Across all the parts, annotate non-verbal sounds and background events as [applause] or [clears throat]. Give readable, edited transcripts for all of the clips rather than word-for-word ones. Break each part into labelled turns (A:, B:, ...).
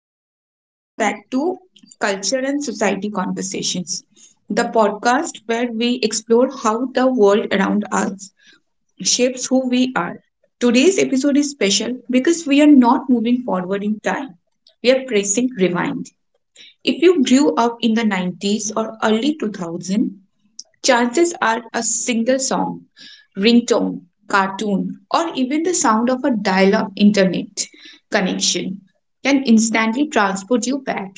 A: Hello and welcome back to Culture and Society Conversations, the podcast where we explore how the world around us shapes who we are. Today's episode is special because we are not moving forward in time, we are pressing rewind. If you grew up in the 90s or early 2000s, chances are a single song, ringtone, cartoon, or even the sound of a dial up internet connection can instantly transport you back.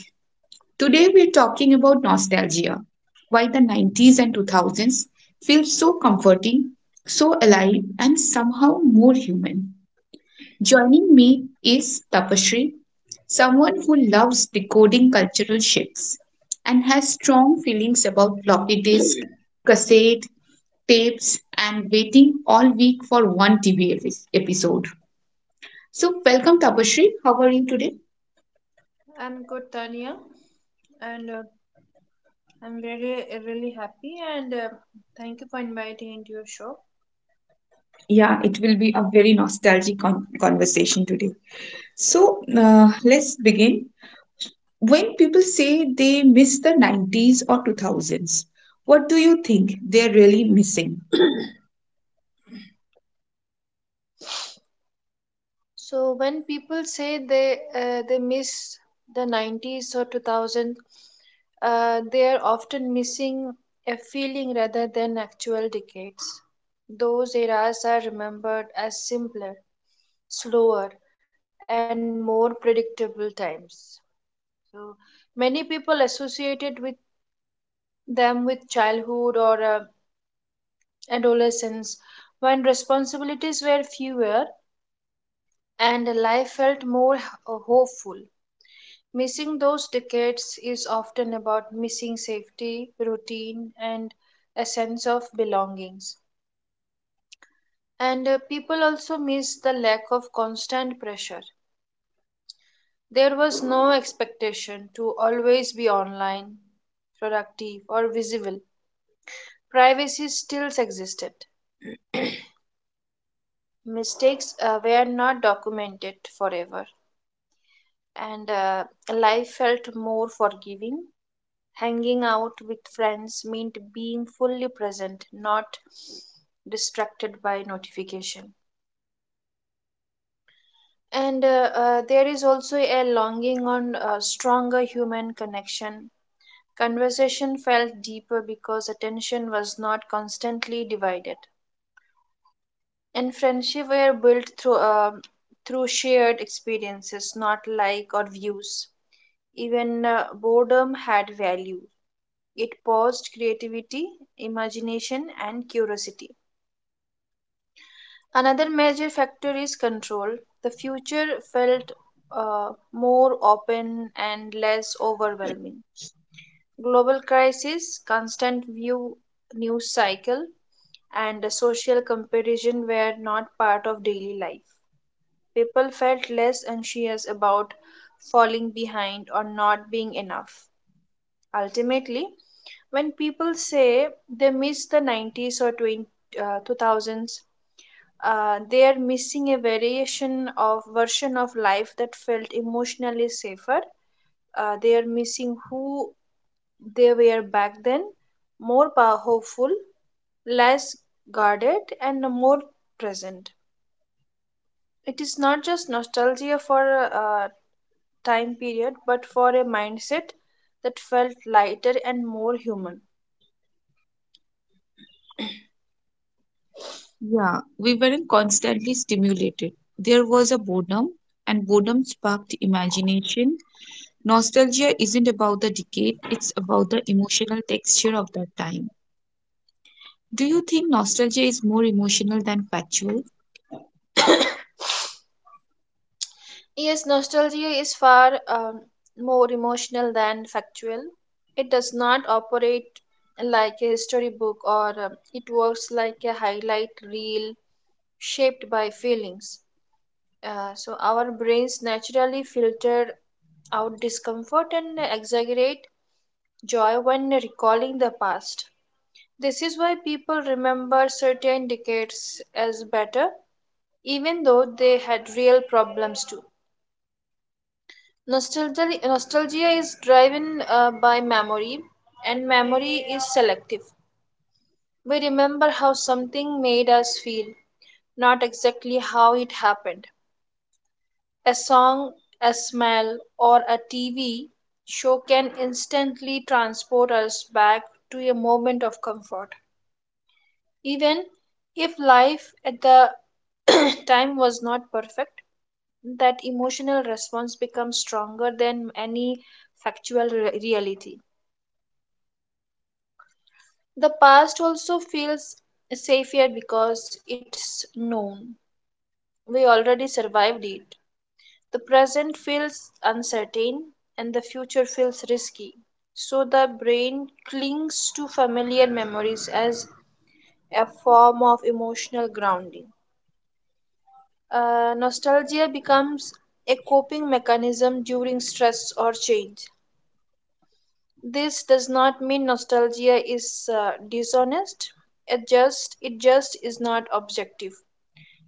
A: Today, we're talking about nostalgia, why the 90s and 2000s feel so comforting, so alive, and somehow more human. Joining me is Tapashri, someone who loves decoding cultural shifts and has strong feelings about floppy disk, cassette, tapes, and waiting all week for one TV episode. So, welcome, Tapashri. How are you today?
B: I'm good, Tania, and I'm really happy. And Thank you for inviting into your show.
A: Yeah, it will be a very nostalgic conversation today. So, let's begin. When people say they miss the 90s or 2000s, what do you think they're really missing?
B: So, when people say they miss the 90s or 2000, they are often missing a feeling rather than actual decades. Those eras are remembered as simpler, slower, and more predictable times. So, many people associated with them with childhood or adolescence, when responsibilities were fewer and life felt hopeful. Missing those decades is often about missing safety, routine, and a sense of belongings. And People also miss the lack of constant pressure. There was no expectation to always be online, productive, or visible. Privacy still existed. Mistakes were not documented forever and life felt more forgiving. Hanging out with friends meant being fully present, not distracted by notification. And There is also a longing on stronger human connection. Conversation felt deeper because attention was not constantly divided. And friendship were built through shared experiences, not like or views. Even boredom had value. It paused creativity, imagination, and curiosity. Another major factor is control. The future felt more open and less overwhelming. Global crisis, constant view news cycle, and a social comparison were not part of daily life. People felt less anxious about falling behind or not being enough. Ultimately, when people say they miss the 90s or 2000s they are missing a variation of version of life that felt emotionally safer. They are missing who they were back then, hopeful, less guarded, and more present. It is not just nostalgia for a time period, but for a mindset that felt lighter and more human. [clears throat]
A: Yeah, we weren't constantly stimulated. There was a boredom, and boredom sparked imagination. Nostalgia isn't about the decade, it's about the emotional texture of that time. Do you think nostalgia is more emotional than factual?
B: Yes, nostalgia is far more emotional than factual. It does not operate like a storybook, or it works like a highlight reel shaped by feelings. So, our brains naturally filter out discomfort and exaggerate joy when recalling the past. This is why people remember certain decades as better, even though they had real problems too. Nostalgia is driven by memory, and memory is selective. We remember how something made us feel, not exactly how it happened. A song, a smell, or a TV show can instantly transport us back to a moment of comfort. Even if life at the [coughs] [clears throat] time was not perfect, that emotional response becomes stronger than any factual reality. The past also feels safer because it's known. We already survived it. The present feels uncertain and the future feels risky. So the brain clings to familiar memories as a form of emotional grounding. Nostalgia becomes a coping mechanism during stress or change. This does not mean nostalgia is dishonest. It just is not objective.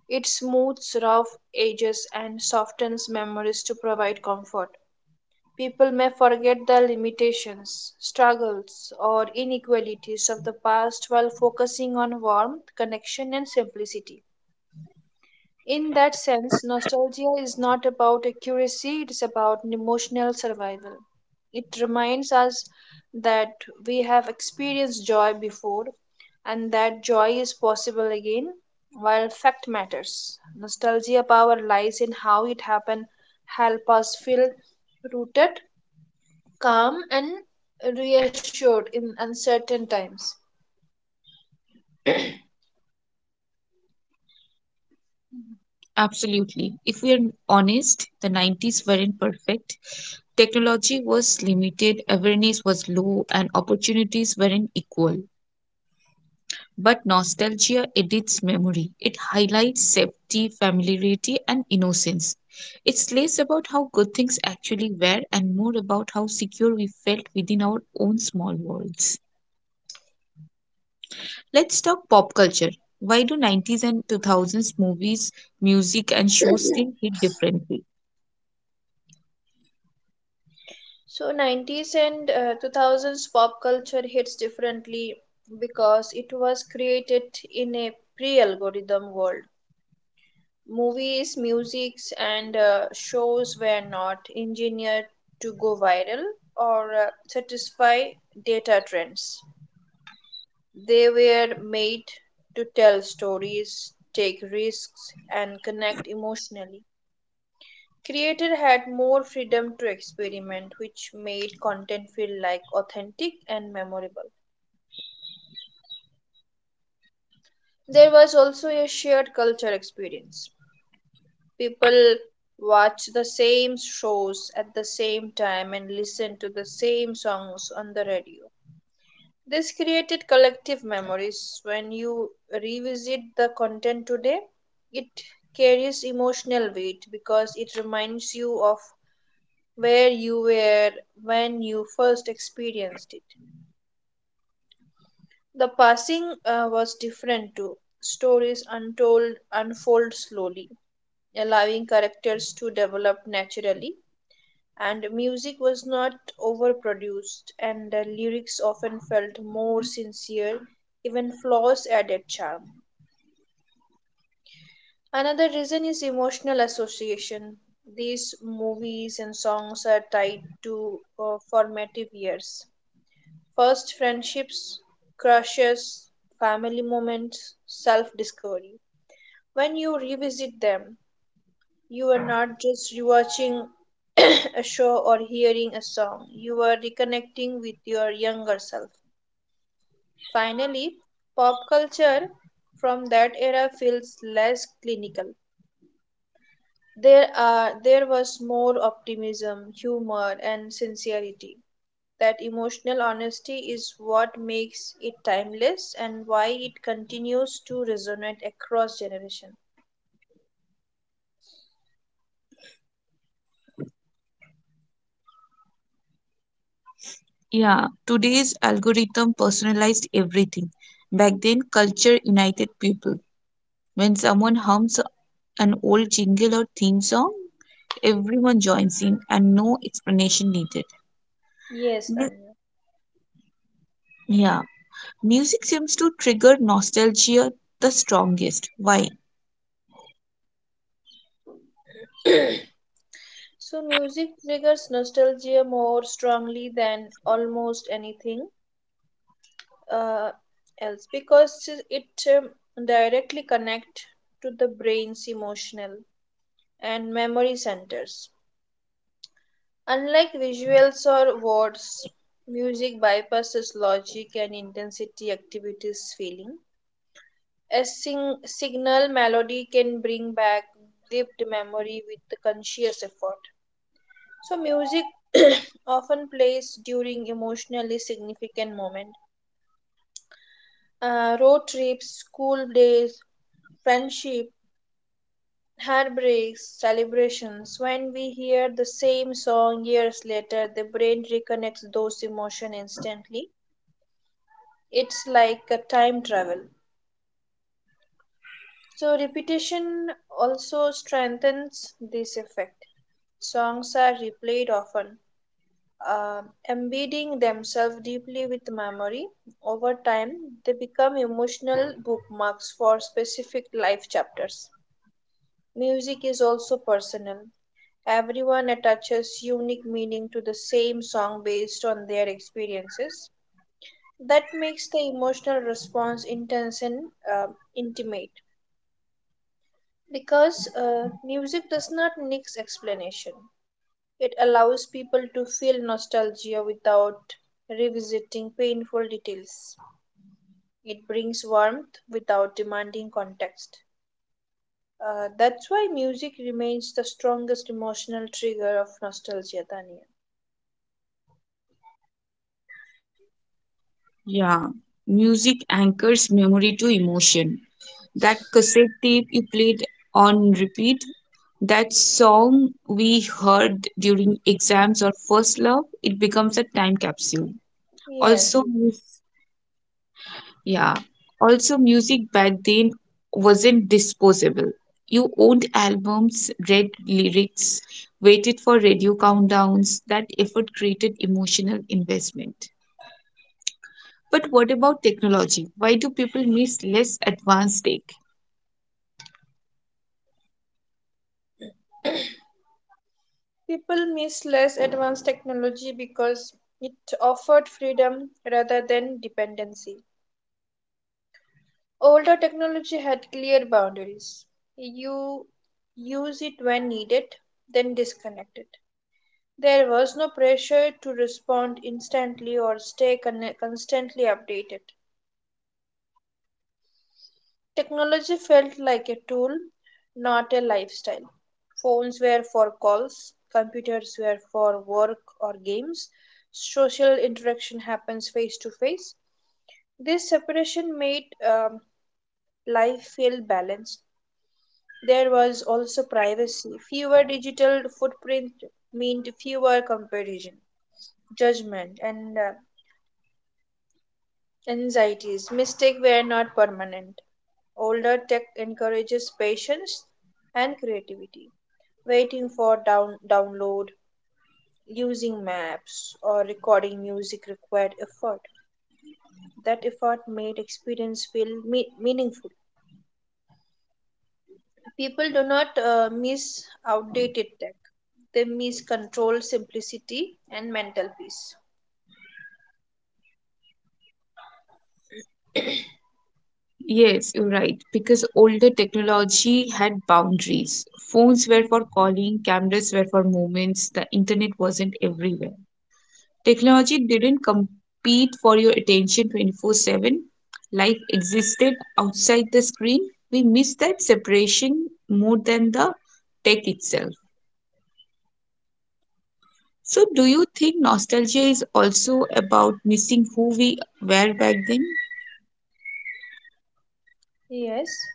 B: It smooths rough edges and softens memories to provide comfort. People may forget the limitations, struggles, or inequalities of the past while focusing on warmth, connection, and simplicity. In that sense, nostalgia is not about accuracy, it's about an emotional survival. It reminds us that we have experienced joy before and that joy is possible again, while fact matters. Nostalgia power lies in how it happened, help us feel rooted, calm, and reassured in uncertain times.
A: Absolutely. If we are honest, the 90s weren't perfect. Technology was limited, awareness was low, and opportunities weren't equal. But nostalgia edits memory. It highlights safety, familiarity, and innocence. It's less about how good things actually were and more about how secure we felt within our own small worlds. Let's talk pop culture. Why do 90s and 2000s movies, music, and shows still hit differently?
B: So, 90s and 2000s pop culture hits differently because it was created in a pre algorithm world. Movies, musics, and shows were not engineered to go viral or satisfy data trends. They were made to tell stories, take risks, and connect emotionally. Creator had more freedom to experiment, which made content feel like authentic and memorable. There was also a shared culture experience. People watched the same shows at the same time and listened to the same songs on the radio. This created collective memories. When you revisit the content today, it carries emotional weight because it reminds you of where you were when you first experienced it. The passing was different too. Stories untold unfold slowly, allowing characters to develop naturally, and music was not overproduced, and the lyrics often felt more sincere, even flaws added charm. Another reason is emotional association. These movies and songs are tied to formative years. First friendships, crushes, family moments, self discovery. When you revisit them, you are not just rewatching [coughs] [clears throat] a show or hearing a song, you are reconnecting with your younger self. Finally, pop culture from that era feels less clinical. There was more optimism, humor and sincerity. That emotional honesty is what makes it timeless and why it continues to resonate across generations.
A: Yeah, today's algorithm personalized everything. Back then, culture united people. When someone hums an old jingle or theme song, everyone joins in and no explanation needed.
B: Yes,
A: Mu-
B: Tanya.
A: yeah, music seems to trigger nostalgia the strongest. Why?
B: [coughs] [clears throat] So, music triggers nostalgia more strongly than almost anything uh, else because it um, directly connect to the brain's emotional and memory centers. Unlike visuals or words, music bypasses logic and intensity activities feeling. A signal melody can bring back lived memory with the conscious effort. So music [clears throat] often plays during emotionally significant moments. Road trips, school days, friendship, heartbreaks, celebrations. When we hear the same song years later, the brain reconnects those emotions instantly. It's like a time travel. So repetition also strengthens this effect. Songs are replayed often embedding themselves deeply with memory. Over time, they become emotional bookmarks for specific life chapters. Music is also personal. Everyone attaches unique meaning to the same song based on their experiences. That makes the emotional response intense and intimate because music does not need explanation. It allows people to feel nostalgia without revisiting painful details. It brings warmth without demanding context. That's why music remains the strongest emotional trigger of nostalgia, Tanya.
A: Yeah, music anchors memory to emotion. That cassette tape you played on repeat, that song we heard during exams or first love, it becomes a time capsule.
B: Yes.
A: Also, Yeah. Also, music back then wasn't disposable. You owned albums, read lyrics, waited for radio countdowns. That effort created emotional investment. But what about technology? Why do people miss less advanced tech?
B: People miss less advanced technology because it offered freedom rather than dependency. Older technology had clear boundaries. You use it when needed, then disconnect it. There was no pressure to respond instantly or stay constantly updated. Technology felt like a tool, not a lifestyle. Phones were for calls, computers were for work or games, social interaction happens face to face. This separation made life feel balanced. There was also privacy. Fewer digital footprint meant fewer comparison, judgment, and anxieties. Mistakes were not permanent. Older tech encourages patience and creativity. Waiting for download, using maps, or recording music required effort. That effort made experience feel meaningful. People do not miss outdated tech. They miss control, simplicity, and mental peace.
A: Yes, you're right. Because older technology had boundaries. Phones were for
B: Mhm.
A: calling, cameras were for moments, the internet wasn't everywhere. Technology didn't compete for your attention 24/7. Life existed outside the screen. We miss that separation more than the tech itself. So, do you think nostalgia is also about missing who we were back then?
B: Yes.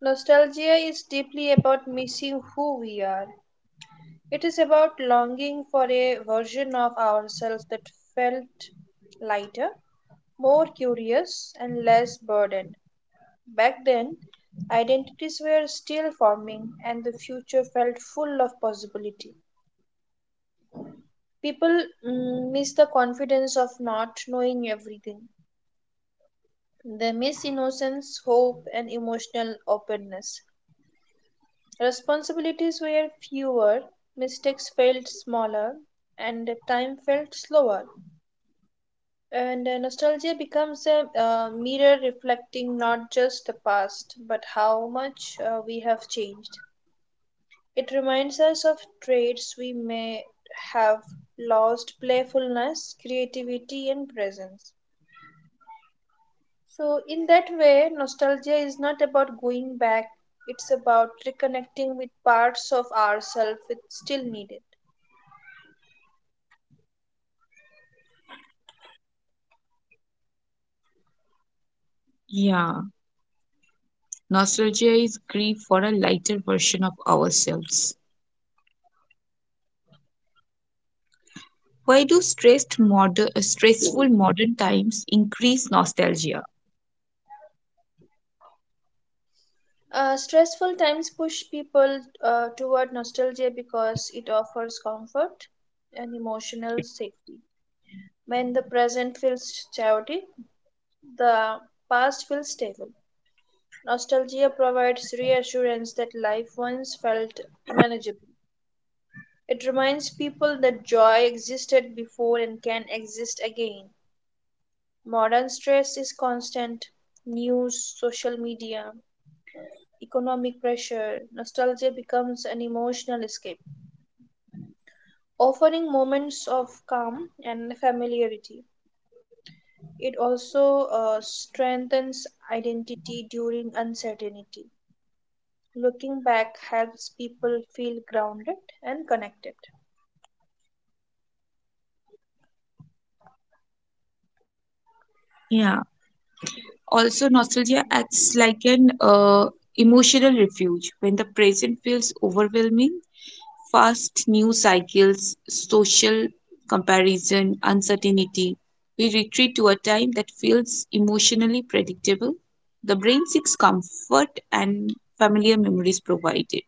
B: Nostalgia is deeply about missing who we are. It is about longing for a version of ourselves that felt lighter, more curious, and less burdened. Back then, identities were still forming and the future felt full of possibility. People miss the confidence of not knowing everything. They miss innocence, hope, and emotional openness. Responsibilities were fewer, mistakes felt smaller, and time felt slower. And nostalgia becomes a mirror reflecting not just the past, but how much we have changed. It reminds us of traits we may have lost playfulness, creativity, and presence. So, in that way, nostalgia is not about going back, it's about reconnecting with parts of ourselves we still needed.
A: Yeah, nostalgia is grief for a lighter version of ourselves. Why do stressful modern times increase nostalgia?
B: Stressful times push people toward nostalgia because it offers comfort and emotional safety. When the present feels chaotic, the past feels stable. Nostalgia provides reassurance that life once felt manageable. It reminds people that joy existed before and can exist again. Modern stress is constant news, social media, economic pressure. Nostalgia becomes an emotional escape, offering moments of calm and familiarity. It also strengthens identity during uncertainty. Looking back helps people feel grounded and connected.
A: Yeah, also, nostalgia acts like an emotional refuge when the present feels overwhelming. Fast news cycles, social comparison, uncertainty. We retreat to a time that feels emotionally predictable. The brain seeks comfort and familiar memories provided.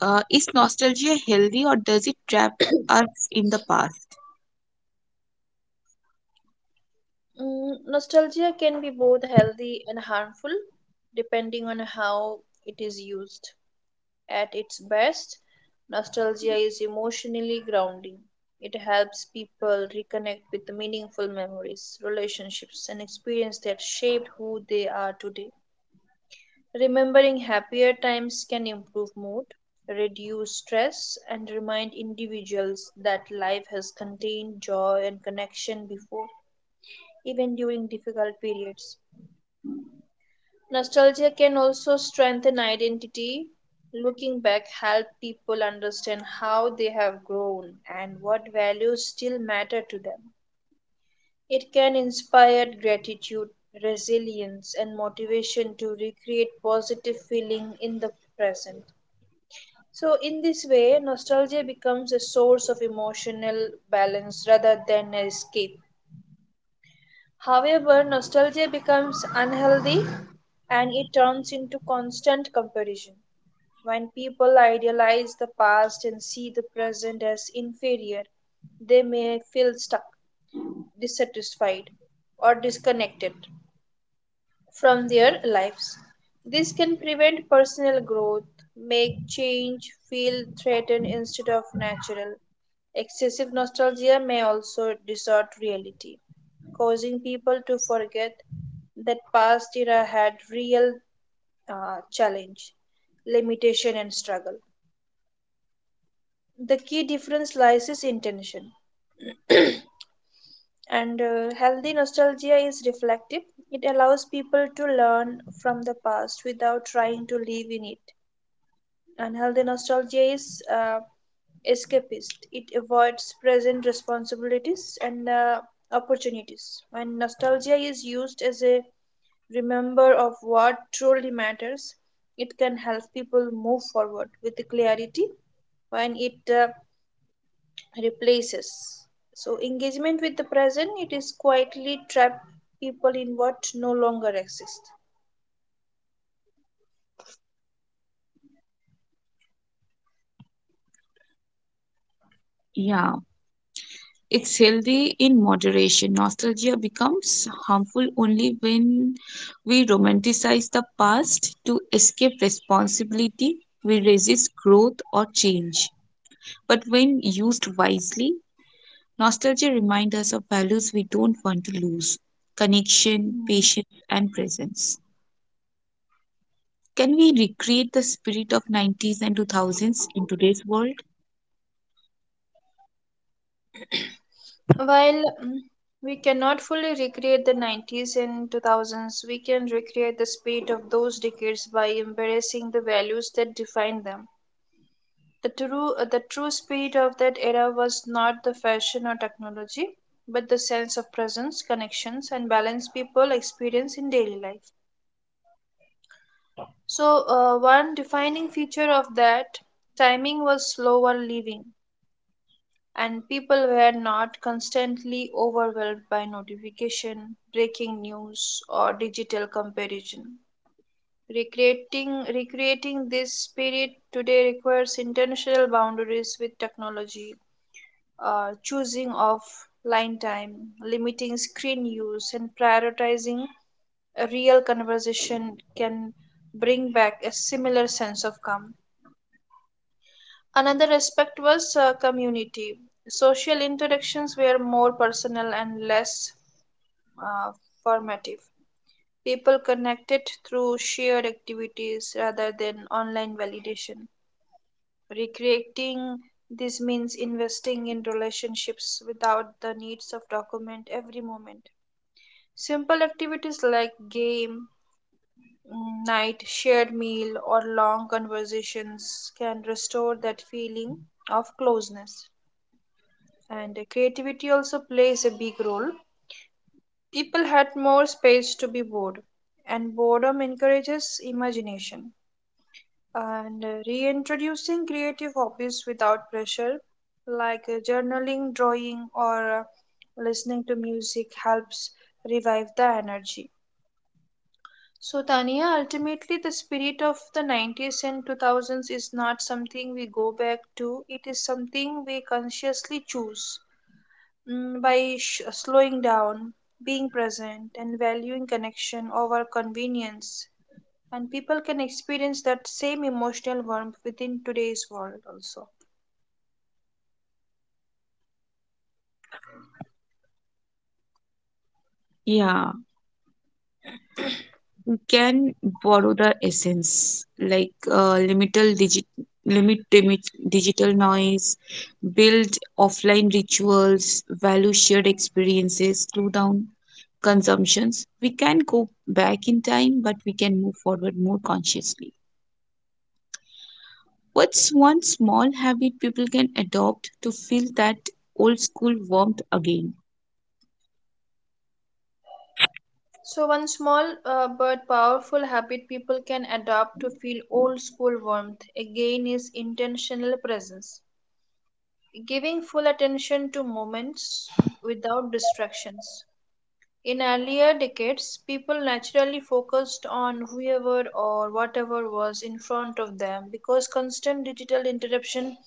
A: Is nostalgia healthy or does it trap us in the past?
B: Nostalgia can be both healthy and harmful depending on how it is used. At its best, nostalgia is emotionally grounding. It helps people reconnect with meaningful memories, relationships, and experiences that shaped who they are today. Remembering happier times can improve mood, reduce stress, and remind individuals that life has contained joy and connection before, even during difficult periods. Nostalgia can also strengthen identity. Looking back help people understand how they have grown and what values still matter to them. It can inspire gratitude, resilience and motivation to recreate positive feeling in the present. So in this way nostalgia becomes a source of emotional balance rather than an escape. However, nostalgia becomes unhealthy and it turns into constant comparison. When people idealize the past and see the present as inferior, they may feel stuck, dissatisfied, or disconnected from their lives. This can prevent personal growth, make change feel threatened instead of natural. Excessive nostalgia may also distort reality, causing people to forget that past era had real challenge, limitation, and struggle. The key difference lies is intention, and healthy nostalgia is reflective. It allows people to learn from the past without trying to live in it. Unhealthy nostalgia is escapist. It avoids present responsibilities and opportunities. When nostalgia is used as a remember of what truly matters, it can help people move forward with clarity. When it replaces. So, engagement with the present, it is quietly trap people in what no longer exists.
A: Yeah. It's healthy in moderation. Nostalgia becomes harmful only when we romanticize the past to escape responsibility. We resist growth or change. But when used wisely, nostalgia reminds us of values we don't want to lose connection,
B: Hmm.
A: patience, and presence. Can we recreate the spirit of 90s and 2000s in today's world?
B: While mm, we cannot fully recreate the 90s and 2000s. We can recreate the spirit of those decades by embracing the values that defined them. The true spirit of that era was not the fashion or technology, but the sense of presence, connections, and balance people experience in daily life. One defining feature of that timing was slower living, and people were not constantly overwhelmed by notification, breaking news, or digital comparison. Recreating this spirit today requires intentional boundaries with technology, choosing offline time, limiting screen use, and prioritizing a real conversation can bring back a similar sense of calm. Another aspect was community. Social interactions were more personal and less uh, formative. People connected through shared activities rather than online validation. Recreating this means investing in relationships without the needs of document every moment. Simple activities like game night, shared meal, or long conversations can restore that feeling of closeness. And creativity also plays a big role. People had more space to be bored, and boredom encourages imagination. And Reintroducing creative hobbies without pressure, like journaling, drawing, or listening to music, helps revive the energy. So, Tania, ultimately, the spirit of the 90s and 2000s is not something we go back to, it is something we consciously choose, by slowing down, being present, and valuing connection over convenience. And people can experience that same emotional warmth within today's world also.
A: Yeah, can borrow the essence, like, limit digital noise, build offline rituals, value shared experiences, slow down consumptions. We can go back in time but we can move forward more consciously. What's one small habit people can adopt to feel that old school warmth again?
B: So, one small but powerful habit people can adopt to feel old school warmth again is intentional presence. Giving full attention to moments without distractions. In earlier decades, people naturally focused on whoever or whatever was in front of them because constant digital interruption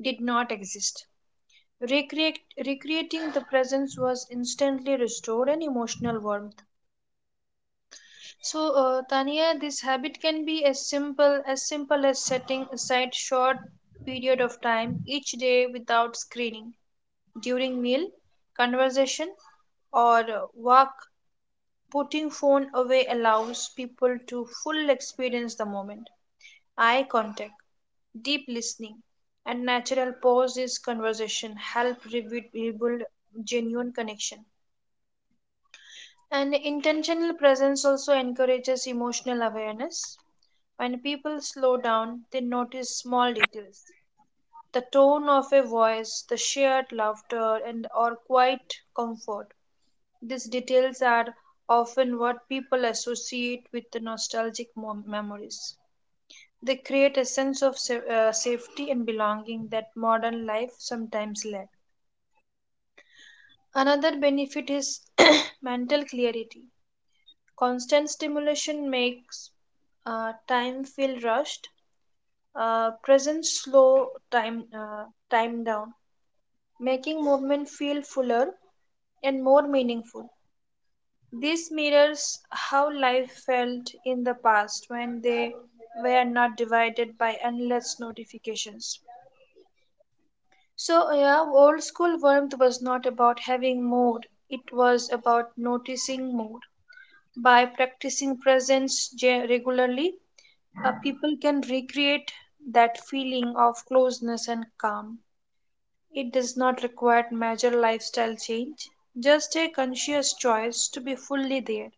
B: did not exist. Recreate, recreating the presence was instantly restored and emotional warmth. So, Tania, this habit can be as simple as setting aside short period of time each day without screening during meal, conversation, or walk. Putting phone away allows people to full experience the moment. Eye contact, deep listening, and natural pauses conversation help rebuild genuine connection. And intentional presence also encourages emotional awareness. When people slow down, they notice small details. The tone of a voice, the shared laughter and or quiet comfort. These details are often what people associate with the nostalgic memories. They create a sense of safety and belonging that modern life sometimes lacks. Another benefit is [coughs] [clears throat] mental clarity. Constant stimulation makes time feel rushed. Presence slow time down, making movement feel fuller and more meaningful. This mirrors how life felt in the past when they were not divided by endless notifications. So, yeah, old school warmth was not about having more, it was about noticing more. By practicing presence regularly, people can recreate that feeling of closeness and calm. It does not require major lifestyle change, just a conscious choice to be fully there,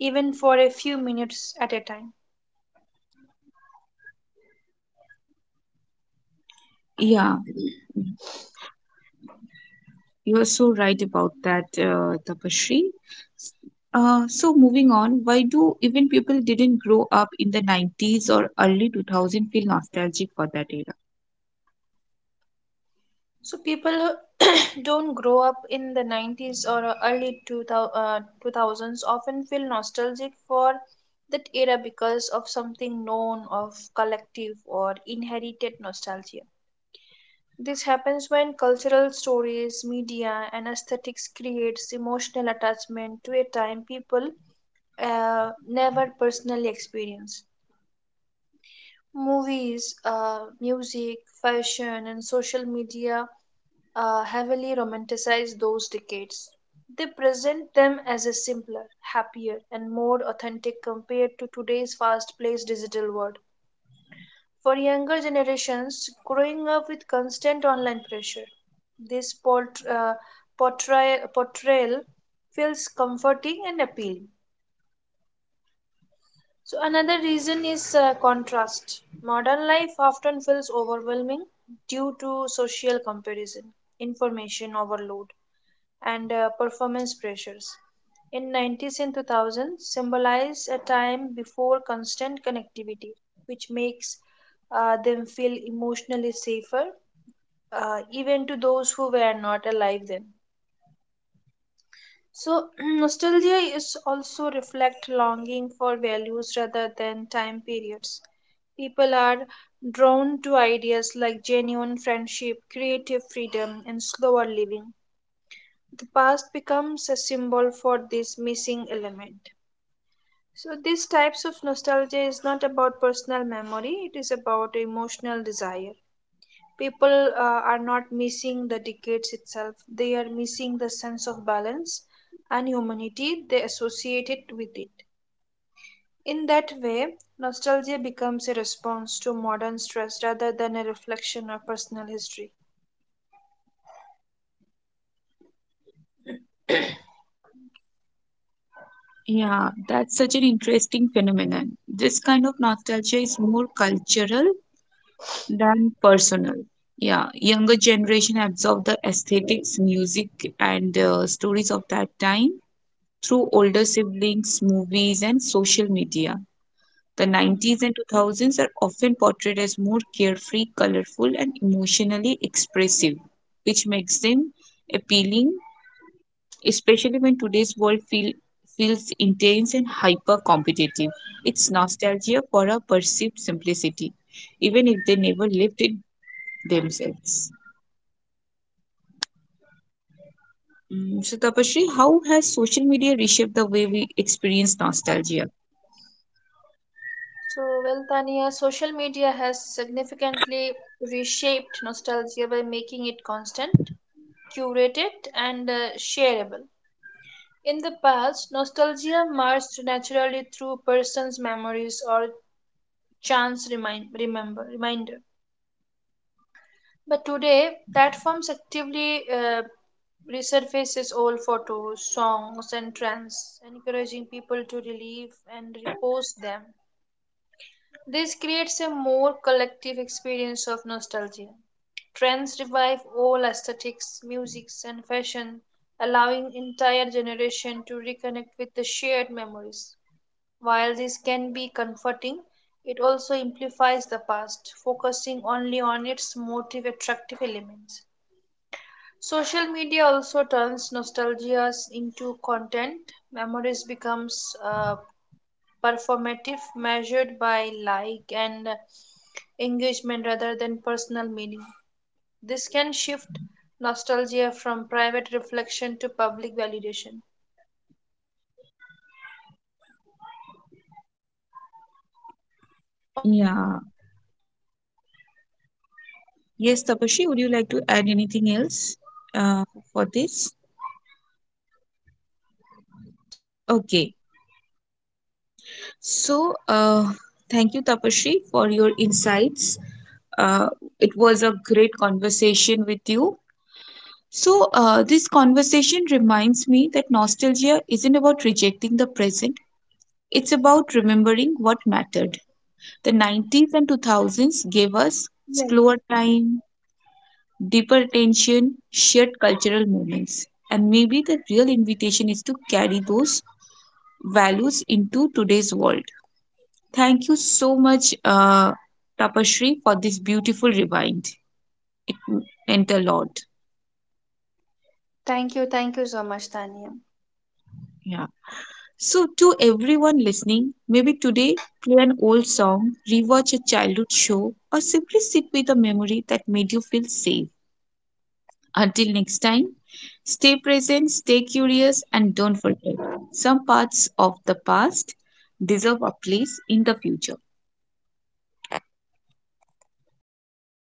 B: even for a few minutes at a time.
A: Yeah. Mm-hmm. You are so right about that, Tapashri. S- so, moving on, why do even people didn't grow up in the 90s or early 2000 feel nostalgic for that era?
B: So people who [coughs] [clears throat] don't grow up in the 90s or early 2000s often feel nostalgic for that era because of something known of collective or inherited nostalgia. This happens when cultural stories, media, and aesthetics creates emotional attachment to a time people never personally experience. Movies, music, fashion, and social media heavily romanticize those decades. They present them as a simpler, happier, and more authentic compared to today's fast paced digital world. For younger generations growing up with constant online pressure, this portrayal feels comforting and appealing. So, another reason is contrast. Modern life often feels overwhelming due to social comparison, information overload, and performance pressures. In 90s and 2000s symbolize a time before constant connectivity, which makes them feel emotionally safer, even to those who were not alive then. So [clears throat] nostalgia is also reflect longing for values rather than time periods. People are drawn to ideas like genuine friendship, creative freedom, and slower living. The past becomes a symbol for this missing element. So, these types of nostalgia is not about personal memory, it is about emotional desire. People are not missing the decades itself, they are missing the sense of balance and humanity they associate it with it. In that way, nostalgia becomes a response to modern stress rather than a reflection of personal history.
A: Yeah, that's such an interesting phenomenon. This kind of nostalgia is more cultural than personal. Yeah, younger generation absorb the aesthetics, music, and stories of that time through older siblings, movies, and social media. The
B: Hmm.
A: 90s and 2000s are often portrayed as more carefree, colorful, and emotionally expressive, which makes them appealing, especially when today's world feels intense and hyper competitive. It's nostalgia for a perceived simplicity, even if they never lived it themselves. So, Tapashri, how has social media reshaped the way we experience nostalgia?
B: So, well, Tania, social media has significantly reshaped nostalgia by making it constant, curated, and shareable. In the past, nostalgia marched naturally through person's memories or chance reminder. But today, platforms actively resurfaces old photos, songs, and trends, encouraging people to relive and repost them. This creates a more collective experience of nostalgia. Trends revive all aesthetics, musics, and fashion, allowing entire generation to reconnect with the shared memories. While this can be comforting, it also amplifies the past, focusing only on its motive attractive elements. Social media also turns nostalgias into content. Memories becomes performative, measured by like and engagement rather than personal meaning. This can shift nostalgia from private reflection to public validation. Additionally, constant exposure. Hello,
A: Yeah. Yes, Tapashri,
B: uh,
A: would you like to add anything else uh, for this?
B: sorry,
A: Okay. So, thank you, Tapashri, for your insights. Uh, it was a great
B: am I audible, Tania?
A: conversation with you. So, this conversation reminds me that nostalgia isn't about rejecting the present, it's about remembering what mattered. The 90s and 2000s gave us
B: Yeah.
A: slower time, deeper attention, shared cultural moments. And maybe the real invitation is to carry those values into today's world. Thank you so much, Tapashri, for this beautiful rewind. It meant a lot.
B: Thank you so much, Tania.
A: Yeah. So, to everyone listening, maybe today play an old song, rewatch a childhood show, or simply sit with a memory that made you feel safe. Until next time, stay present, stay curious, and don't forget some parts of the past deserve a place in the future.